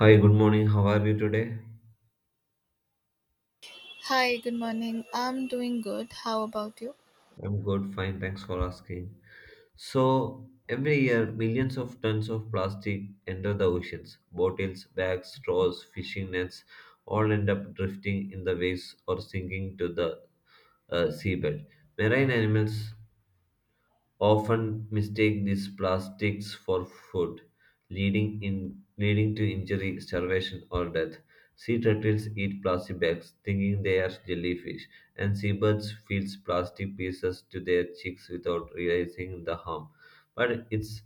Hi, good morning. How are you today? Hi, good morning. I'm doing good. How about you? I'm good, fine. Thanks for asking. So, every year, millions of tons of plastic enter the oceans. Bottles, bags, straws, fishing nets all end up drifting in the waves or sinking to the seabed. Marine animals often mistake these plastics for food, leading to injury, starvation, or death. Sea turtles eat plastic bags, thinking they are jellyfish, and seabirds feed plastic pieces to their chicks without realizing the harm. But it's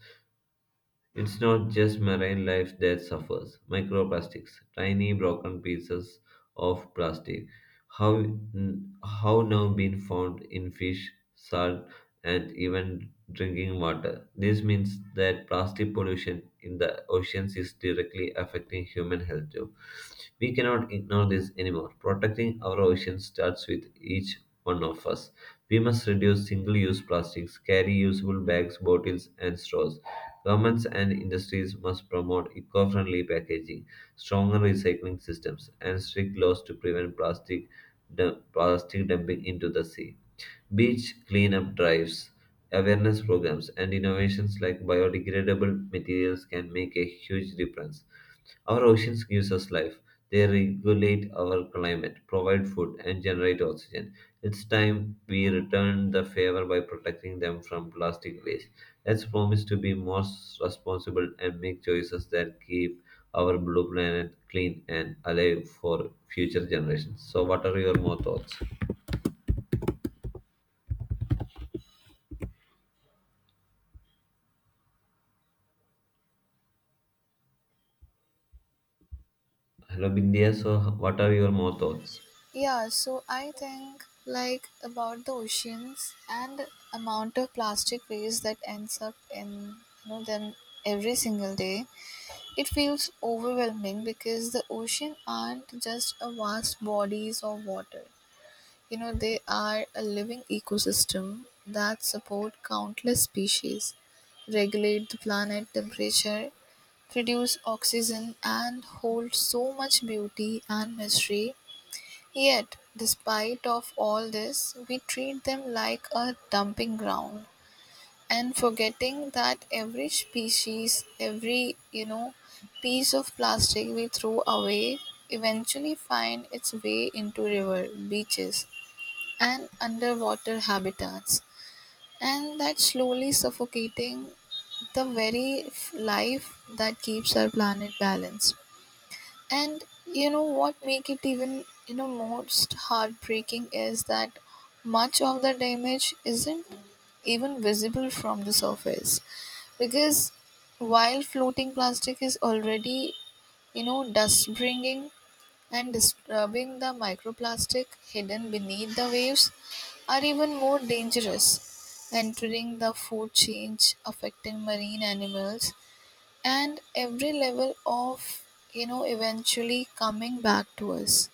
it's not just marine life that suffers. Microplastics, tiny broken pieces of plastic, how, how now been found in fish, salt, and even drinking water. This means that plastic pollution in the oceans is directly affecting human health too. We cannot ignore this anymore. Protecting our oceans starts with each one of us. We must reduce single use plastics, carry usable bags, bottles, and straws. Governments and industries must promote eco friendly packaging, stronger recycling systems, and strict laws to prevent plastic, plastic dumping into the sea. Beach cleanup drives, awareness programs, and innovations like biodegradable materials can make a huge difference. Our oceans gives us life. They regulate our climate, provide food, and generate oxygen. It's time we return the favor by protecting them from plastic waste. Let's promise to be more responsible and make choices that keep our blue planet clean and alive for future generations. So, what are your more thoughts? Hello, Bindia. So, what are your more thoughts? Yeah, so I think like about the oceans and amount of plastic waste that ends up in them every single day. It feels overwhelming because the ocean aren't just a vast bodies of water. You know, they are a living ecosystem that support countless species, regulate the planet temperature, produce oxygen and hold so much beauty and mystery. Yet, despite of all this, we treat them like a dumping ground and forgetting that every species, every piece of plastic we throw away eventually find its way into river, beaches and underwater habitats, and that's slowly suffocating the very life that keeps our planet balanced. And you know what make it even most heartbreaking is that much of the damage isn't even visible from the surface because while floating plastic is already dust bringing and disturbing the microplastic hidden beneath the waves are even more dangerous, entering the food chain, affecting marine animals and every level of eventually coming back to us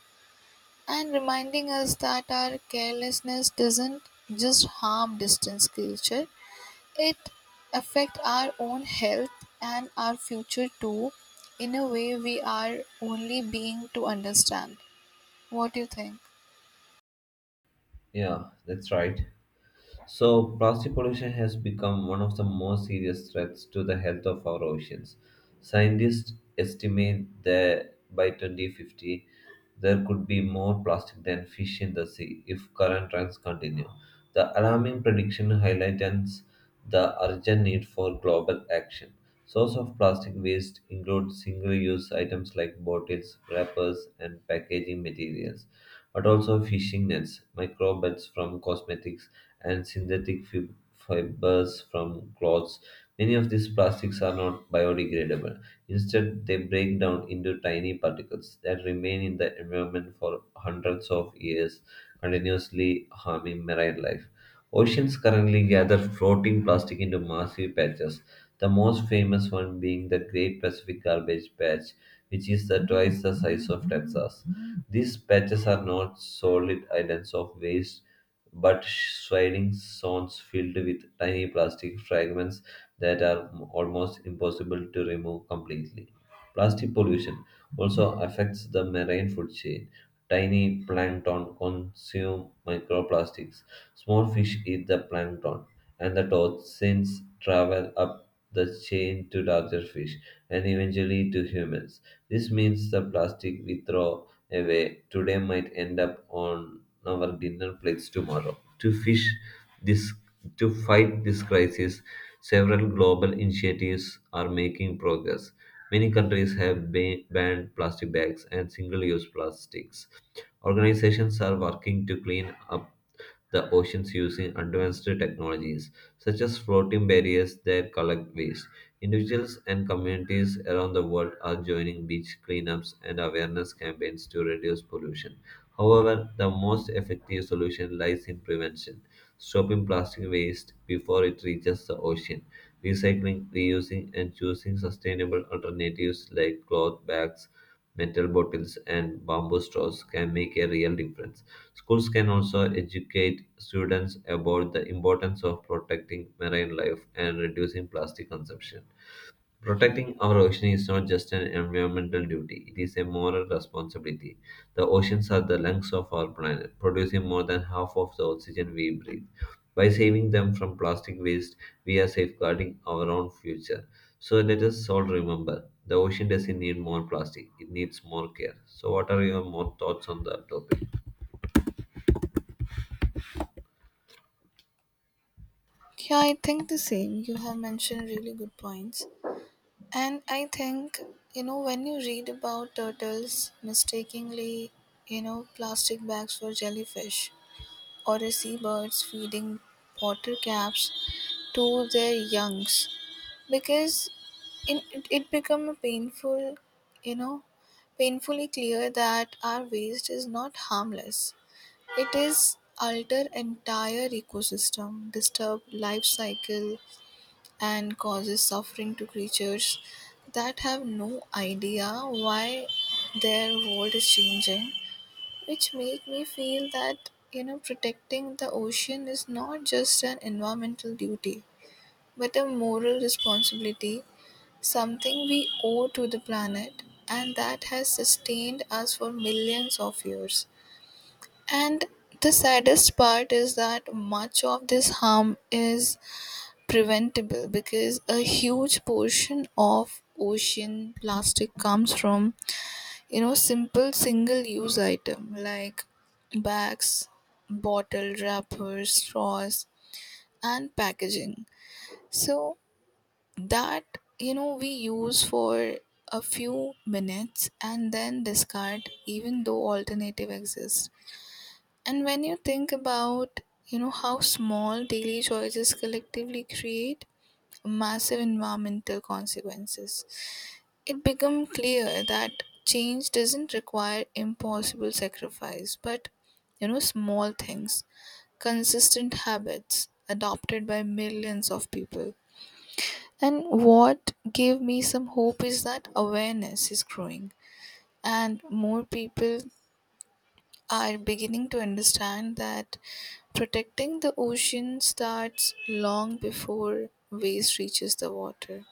and reminding us that our carelessness doesn't just harm distant creature, it affect our own health and our future too, in a way we are only being to understand. What do you think? Yeah, that's right. So, plastic pollution has become one of the most serious threats to the health of our oceans. Scientists estimate that by 2050, there could be more plastic than fish in the sea if current trends continue. The alarming prediction highlights the urgent need for global action. Source of plastic waste include single-use items like bottles, wrappers, and packaging materials, but also fishing nets, microbes from cosmetics, and synthetic fibers from clothes. Many of these plastics are not biodegradable. Instead, they break down into tiny particles that remain in the environment for hundreds of years, continuously harming marine life. Oceans currently gather floating plastic into massive patches, the most famous one being the Great Pacific Garbage Patch, which is the twice the size of Texas. These patches are not solid islands of waste, but swirling zones filled with tiny plastic fragments that are almost impossible to remove completely. Plastic pollution also affects the marine food chain. Tiny plankton consume microplastics. Small fish eat the plankton, and the toxins travel up the chain to larger fish and eventually to humans. This means the plastic we throw away today might end up on our dinner plates tomorrow. This to fight this crisis, several global initiatives are making progress. Many countries have banned plastic bags and single use plastics. Organizations are working to clean up the oceans using advanced technologies such as floating barriers that collect waste. Individuals and communities around the world are joining beach cleanups and awareness campaigns to reduce pollution. However, the most effective solution lies in prevention, stopping plastic waste before it reaches the ocean, recycling, reusing, and choosing sustainable alternatives like cloth bags, metal bottles, and bamboo straws can make a real difference. Schools can also educate students about the importance of protecting marine life and reducing plastic consumption. Protecting our ocean is not just an environmental duty, it is a moral responsibility. The oceans are the lungs of our planet, producing more than half of the oxygen we breathe. By saving them from plastic waste, we are safeguarding our own future. So let us all remember the ocean doesn't need more plastic, it needs more care. So, what are your more thoughts on the topic? Yeah, I think the same. You have mentioned really good points. And I think, you know, when you read about turtles mistakenly, you know, plastic bags for jellyfish or the seabirds feeding water caps to their youngs because it become a painful, you know, painfully clear that our waste is not harmless. It is alter entire ecosystem, disturb life cycle and causes suffering to creatures that have no idea why their world is changing, which make me feel that you know protecting the ocean is not just an environmental duty but a moral responsibility, something we owe to the planet and that has sustained us for millions of years. And the saddest part is that much of this harm is preventable because a huge portion of ocean plastic comes from simple single use item like bags, bottle, wrappers, straws and packaging so that you know we use for a few minutes and then discard even though alternative exists. And when you think about, you know, how small daily choices collectively create massive environmental consequences, it becomes clear that change doesn't require impossible sacrifice, but, you know, small things, consistent habits adopted by millions of people. And what gave me some hope is that awareness is growing and more people are beginning to understand that protecting the ocean starts long before waste reaches the water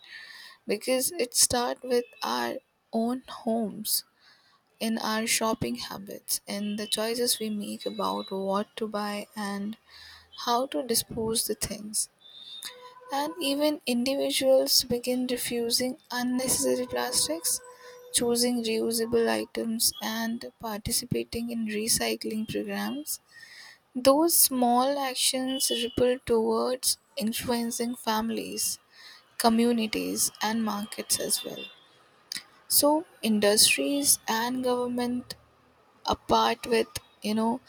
because it starts with our own homes, in our shopping habits, in the choices we make about what to buy and how to dispose the things. And even individuals begin refusing unnecessary plastics, choosing reusable items and participating in recycling programs, those small actions ripple towards influencing families, communities, and markets as well. So, industries and government, apart with you know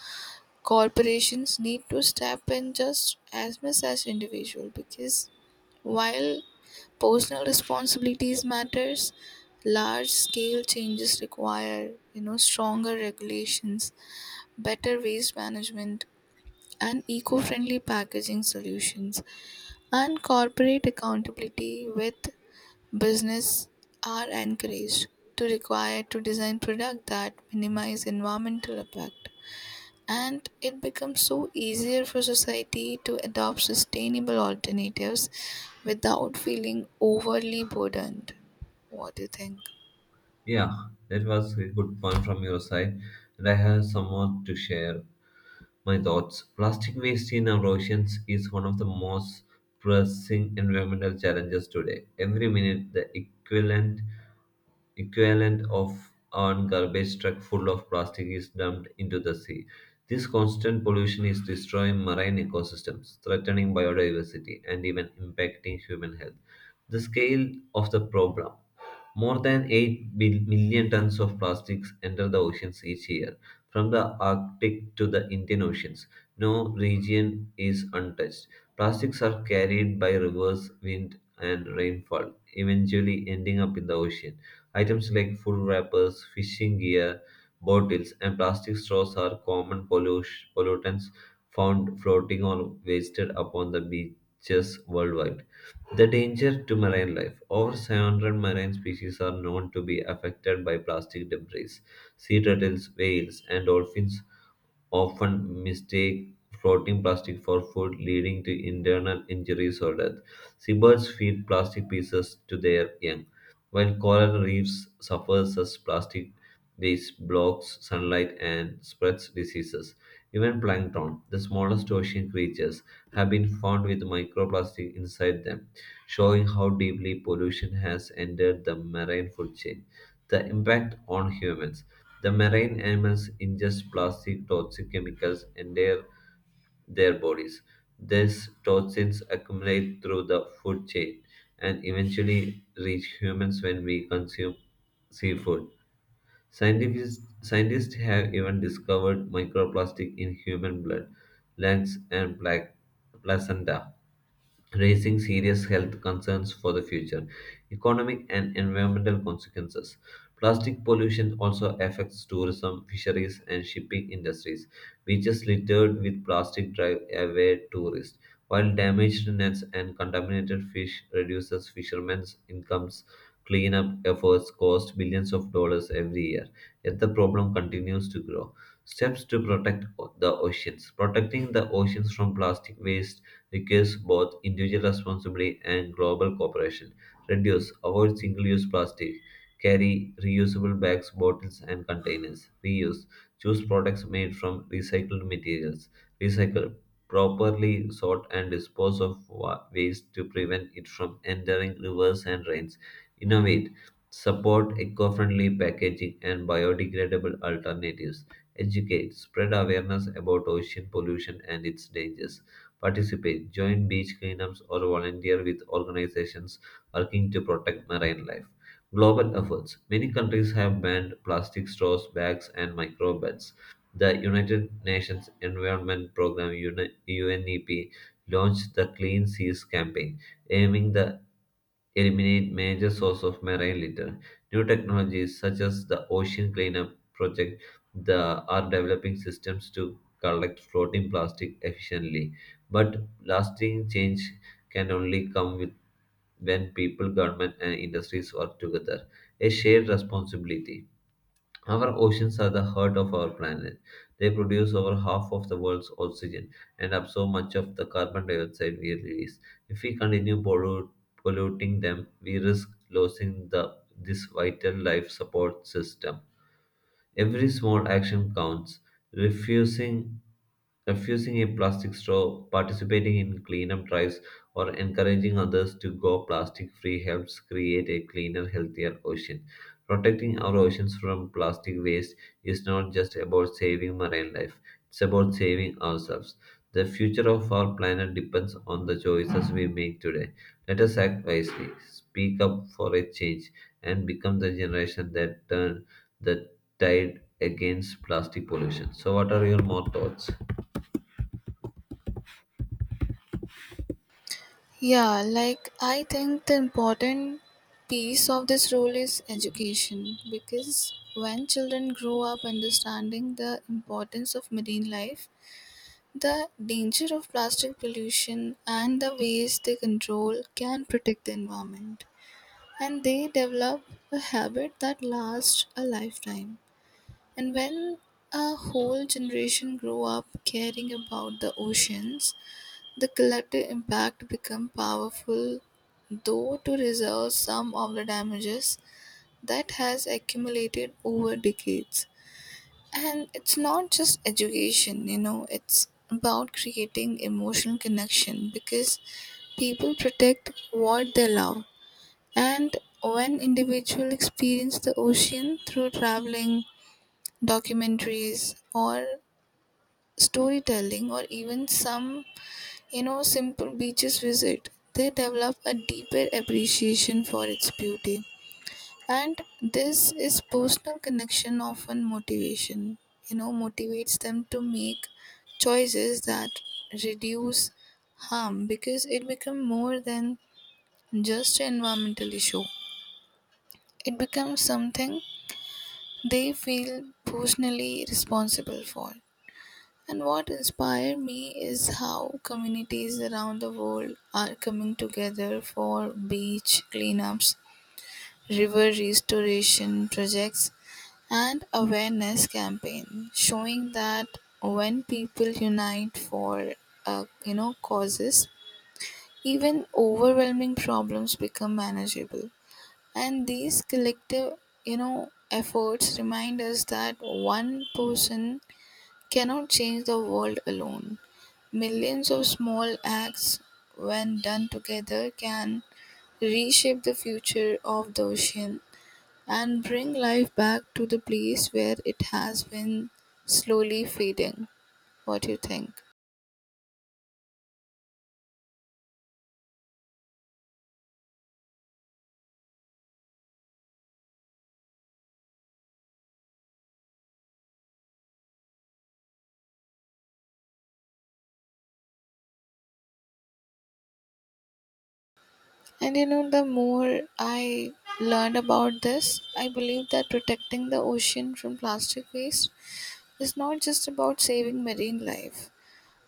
corporations, need to step in just as much as individual because while personal responsibilities matters, large scale changes require you know stronger regulations, better waste management and eco-friendly packaging solutions, and corporate accountability with business are encouraged to require to design products that minimize environmental impact, and it becomes so easier for society to adopt sustainable alternatives without feeling overly burdened. What do you think? Yeah, that was a good point from your side, and I have some more to share. My thoughts. Plastic waste in our oceans is one of the most pressing environmental challenges today. Every minute, the equivalent of an garbage truck full of plastic is dumped into the sea. This constant pollution is destroying marine ecosystems, threatening biodiversity, and even impacting human health. The scale of the problem, more than 8 million tons of plastics enter the oceans each year, from the Arctic to the Indian Oceans. No region is untouched. Plastics are carried by rivers, wind, and rainfall, eventually ending up in the ocean. Items like food wrappers, fishing gear, bottles, and plastic straws are common pollutants found floating or wasted upon the beaches worldwide. The danger to marine life. Over 700 marine species are known to be affected by plastic debris. Sea turtles, whales, and dolphins often mistake floating plastic for food, leading to internal injuries or death. Seabirds feed plastic pieces to their young, while coral reefs suffers as plastic waste blocks sunlight and spreads diseases. Even plankton, the smallest ocean creatures, have been found with microplastic inside them, showing how deeply pollution has entered the marine food chain. The impact on humans. The marine animals ingest plastic, toxic chemicals, and their bodies. These toxins accumulate through the food chain and eventually reach humans when we consume seafood. Scientists have even discovered microplastic in human blood, lungs, and placenta, raising serious health concerns for the future, economic and environmental consequences. Plastic pollution also affects tourism, fisheries, and shipping industries, beaches littered with plastic drive away tourists, while damaged nets and contaminated fish reduces fishermen's incomes. Cleanup efforts cost billions of dollars every year, yet the problem continues to grow. Steps to protect the oceans. Protecting the oceans from plastic waste requires both individual responsibility and global cooperation. Reduce, avoid single use plastic, carry reusable bags, bottles, and containers. Reuse, choose products made from recycled materials. Recycle, properly sort and dispose of waste to prevent it from entering rivers and drains. Innovate, support eco friendly packaging and biodegradable alternatives. Educate, spread awareness about ocean pollution and its dangers. Participate, join beach cleanups, or volunteer with organizations working to protect marine life. Global efforts. Many countries have banned plastic straws, bags, and micro beds. The United Nations Environment Programme UNEP launched the Clean Seas campaign, aiming to eliminate major source of marine litter. New technologies such as the Ocean Cleanup Project the, are developing systems to collect floating plastic efficiently, but lasting change can only come with when people, government, and industries work together. A shared responsibility. Our oceans are the heart of our planet. They produce over half of the world's oxygen and absorb so much of the carbon dioxide we release. If we continue polluting them, we risk losing the this vital life support system. Every small action counts. Refusing Refusing a plastic straw, participating in cleanup drives, or encouraging others to go plastic free helps create a cleaner, healthier ocean. Protecting our oceans from plastic waste is not just about saving marine life, it's about saving ourselves. The future of our planet depends on the choices we make today. Let us act wisely, speak up for a change, and become the generation that turn that tide against plastic pollution. So, what are your more thoughts? Yeah, like I think the important piece of this role is education because when children grow up understanding the importance of marine life, the danger of plastic pollution, and the ways they control can protect the environment. And they develop a habit that lasts a lifetime. And when a whole generation grow up caring about the oceans, the collective impact become powerful, though, to resolve some of the damages that has accumulated over decades. And it's not just education, you know, it's about creating emotional connection because people protect what they love. And when individuals experience the ocean through traveling, documentaries, or storytelling, or even some, you know, simple beaches visit, they develop a deeper appreciation for its beauty. And this is personal connection often motivation, you know, motivates them to make choices that reduce harm because it becomes more than just an environmental issue. It becomes something they feel personally responsible for. And what inspired me is how communities around the world are coming together for beach cleanups, river restoration projects, and awareness campaign, showing that when people unite for you know causes, even overwhelming problems become manageable. And these collective efforts remind us that one person cannot change the world alone. Millions of small acts, when done together, can reshape the future of the ocean and bring life back to the place where it has been slowly fading. What do you think? And you know, the more I learned about this, I believe that protecting the ocean from plastic waste is not just about saving marine life,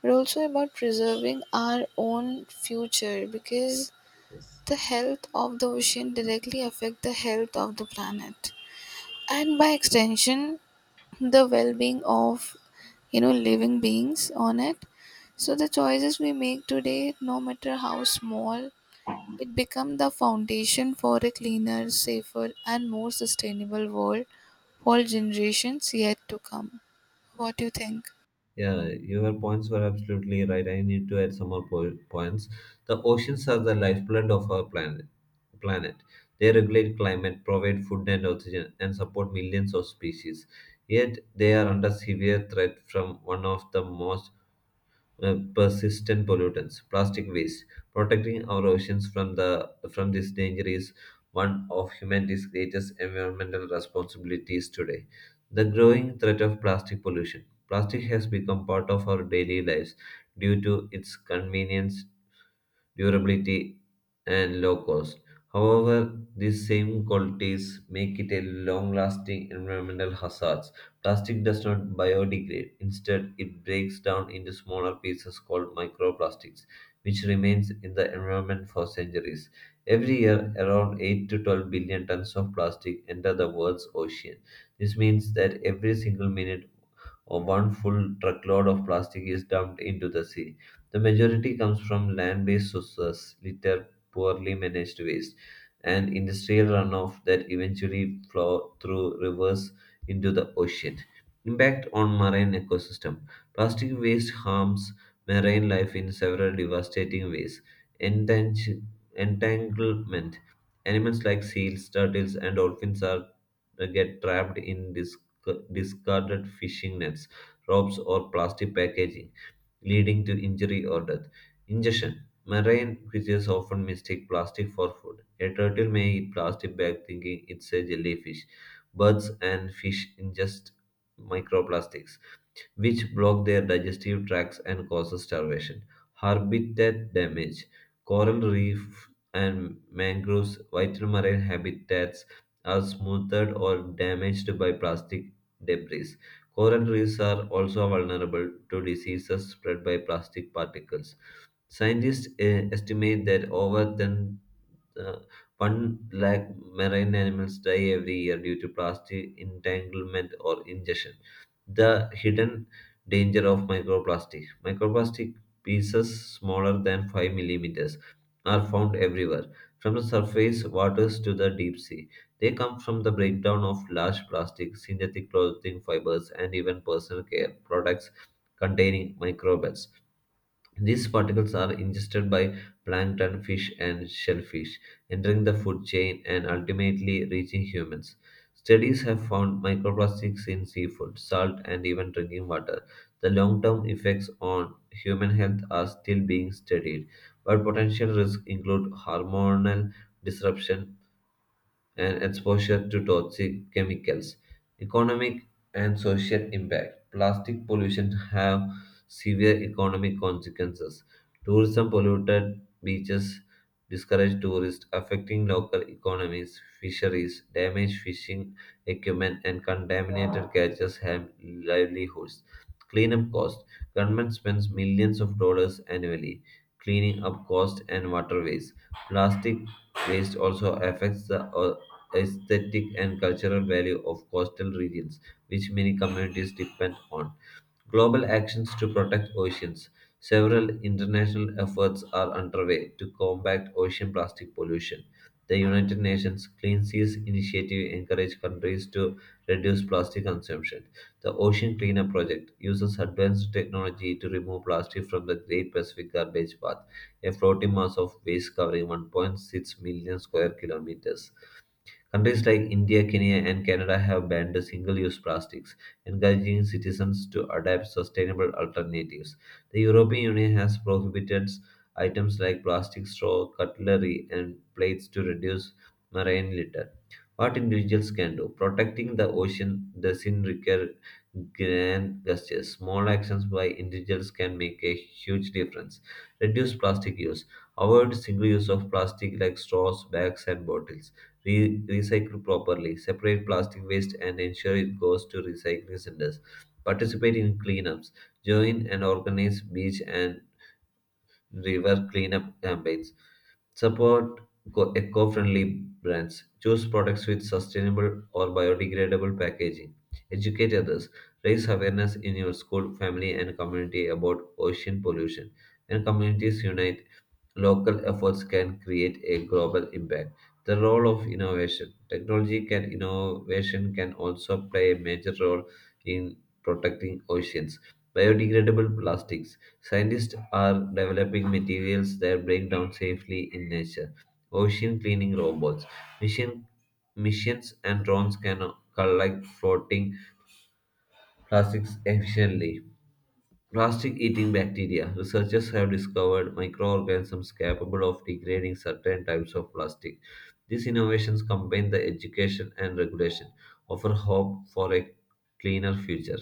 but also about preserving our own future because the health of the ocean directly affect the health of the planet and by extension the well-being of living beings on it. So the choices we make today, no matter how small, it become the foundation for a cleaner, safer and more sustainable world for generations yet to come. What do you think? Yeah, your points were absolutely right. I need to add some more points. The oceans are the lifeblood of our planet. Planet. They regulate climate, provide food and oxygen, and support millions of species. Yet they are under severe threat from one of the most persistent pollutants, plastic waste. Protecting our oceans from this danger is one of humanity's greatest environmental responsibilities today. The growing threat of plastic pollution. Plastic has become part of our daily lives due to its convenience, durability, and low cost. However, these same qualities make it a long-lasting environmental hazard. Plastic does not biodegrade. Instead, it breaks down into smaller pieces called microplastics, which remains in the environment for centuries. Every year, around 8 to 12 billion tons of plastic enter the world's ocean. This means that every single minute, or one full truckload of plastic is dumped into the sea. The majority comes from land based sources, litter, poorly managed waste, and industrial runoff that eventually flow through rivers into the ocean. Impact on marine ecosystem. Plastic waste harms marine life in several devastating ways. Entang- Entanglement. Animals like seals, turtles, and dolphins are get trapped in discarded fishing nets, ropes, or plastic packaging leading to injury or death. Ingestion. Marine creatures often mistake plastic for food. A turtle may eat plastic bag thinking it's a jellyfish. Birds and fish ingest microplastics which block their digestive tracts and causes starvation. Habitat damage. Coral reef and mangroves, vital marine habitats, are smoothed or damaged by plastic debris. Coral reefs are also vulnerable to diseases spread by plastic particles. Scientists estimate that over 10, uh, 1 lakh marine animals die every year due to plastic entanglement or ingestion. The hidden danger of microplastic. Microplastic pieces smaller than 5 millimeters are found everywhere, from the surface waters to the deep sea. They come from the breakdown of large plastic, synthetic clothing fibers, and even personal care products containing microbes. These particles are ingested by plankton, fish, and shellfish, entering the food chain and ultimately reaching humans. Studies have found microplastics in seafood, salt, and even drinking water. The long term effects on human health are still being studied, but potential risks include hormonal disruption, and exposure to toxic chemicals. Economic and social impact. Plastic pollution have severe economic consequences. Tourism polluted beaches discourage tourists, affecting local economies, fisheries, damaged fishing equipment, and contaminated catches have livelihoods. Cleanup cost. Government spends millions of dollars annually cleaning up coast and waterways. Plastic waste also affects the aesthetic and cultural value of coastal regions, which many communities depend on. Global actions to protect oceans. Several international efforts are underway to combat ocean plastic pollution. The United Nations Clean Seas Initiative encourages countries to reduce plastic consumption. The Ocean Cleanup Project uses advanced technology to remove plastic from the Great Pacific Garbage Path, a floating mass of waste covering 1.6 million square kilometers. Countries like India, Kenya, and Canada have banned single use plastics, encouraging citizens to adopt sustainable alternatives. The European Union has prohibited items like plastic straw, cutlery, and plates to reduce marine litter. What individuals can do. Protecting the ocean doesn't require grand gestures. Small actions by individuals can make a huge difference. Reduce plastic use. Avoid single use of plastic like straws, bags, and bottles. Recycle properly, separate plastic waste and ensure it goes to recycling centers. Participate in cleanups, join and organize beach and river cleanup campaigns. Support eco-friendly brands, choose products with sustainable or biodegradable packaging. Educate others, raise awareness in your school, family and community about ocean pollution. When communities unite, local efforts can create a global impact. The role of innovation. Technology can innovation can also play a major role in protecting oceans. Biodegradable plastics. Scientists are developing materials that break down safely in nature. Ocean cleaning robots. Mission Missions and drones can collect floating plastics efficiently. Plastic eating bacteria. Researchers have discovered microorganisms capable of degrading certain types of plastic. These innovations combine the education and regulation, offer hope for a cleaner future.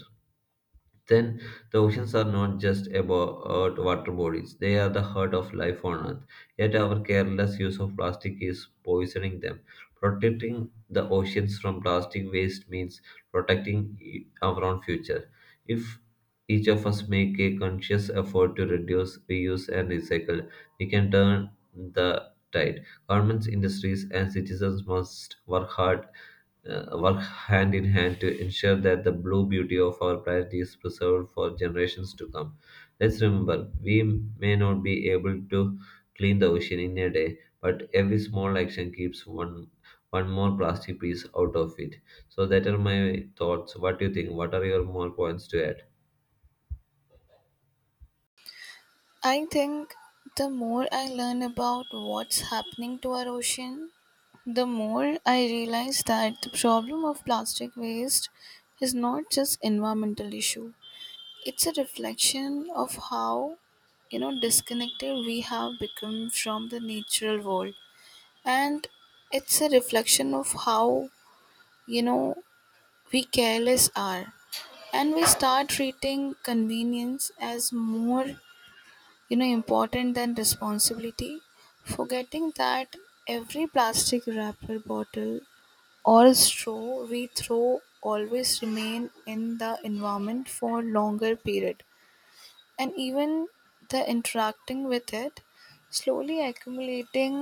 Then the oceans are not just about water bodies, they are the heart of life on earth. Yet our careless use of plastic is poisoning them. Protecting the oceans from plastic waste means protecting our own future. If each of us make a conscious effort to reduce, reuse, and recycle, we can turn the tide. Governments, industries, and citizens must work hard, work hand in hand to ensure that the blue beauty of our planet is preserved for generations to come. Let's remember, we may not be able to clean the ocean in a day, but every small action keeps one more plastic piece out of it. So that are my thoughts. What do you think? What are your more points to add? I think the more I learn about what's happening to our ocean, the more I realize that the problem of plastic waste is not just environmental issue. It's a reflection of how disconnected we have become from the natural world, and it's a reflection of how you know we careless are, and we start treating convenience as more important than responsibility, forgetting that every plastic wrapper, bottle or straw we throw always remain in the environment for longer period, and even the interacting with it slowly accumulating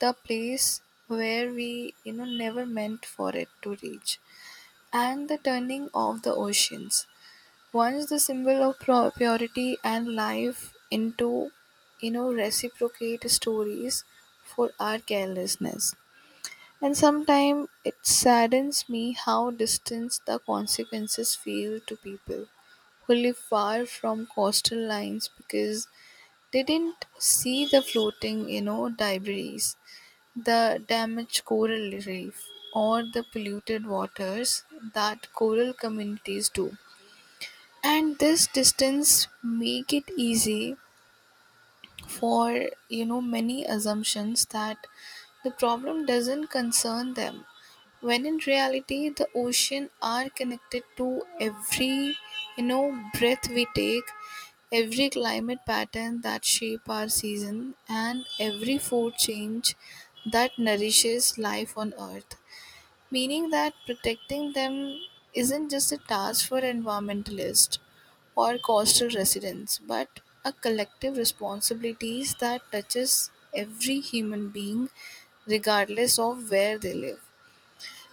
the place where we never meant for it to reach, and the turning of the oceans, once the symbol of purity and life, into reciprocate stories for our carelessness. And sometimes it saddens me how distant the consequences feel to people who live far from coastal lines because they didn't see the floating, you know, debris, the damaged coral reef, or the polluted waters that coral communities do. And this distance make it easy for many assumptions that the problem doesn't concern them when in reality the ocean are connected to every breath we take, every climate pattern that shape our season and every food change that nourishes life on earth, meaning that protecting them isn't just a task for environmentalists or coastal residents, but a collective responsibility that touches every human being, regardless of where they live.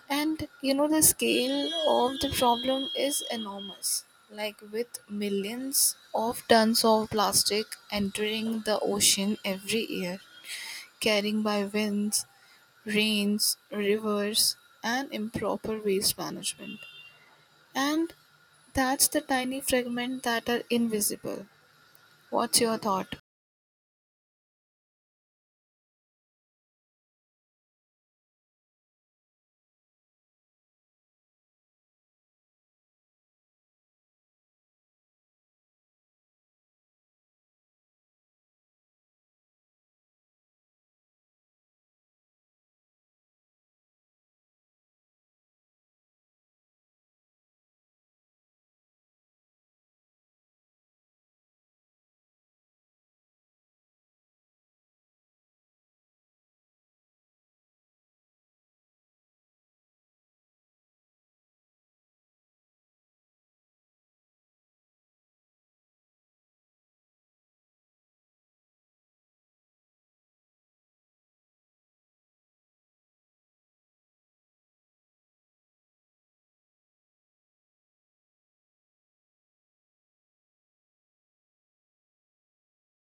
And you know, the scale of the problem is enormous, like with millions of tons of plastic entering the ocean every year, carrying by winds, rains, rivers, and improper waste management. And that's the tiny fragment that are invisible. What's your thought?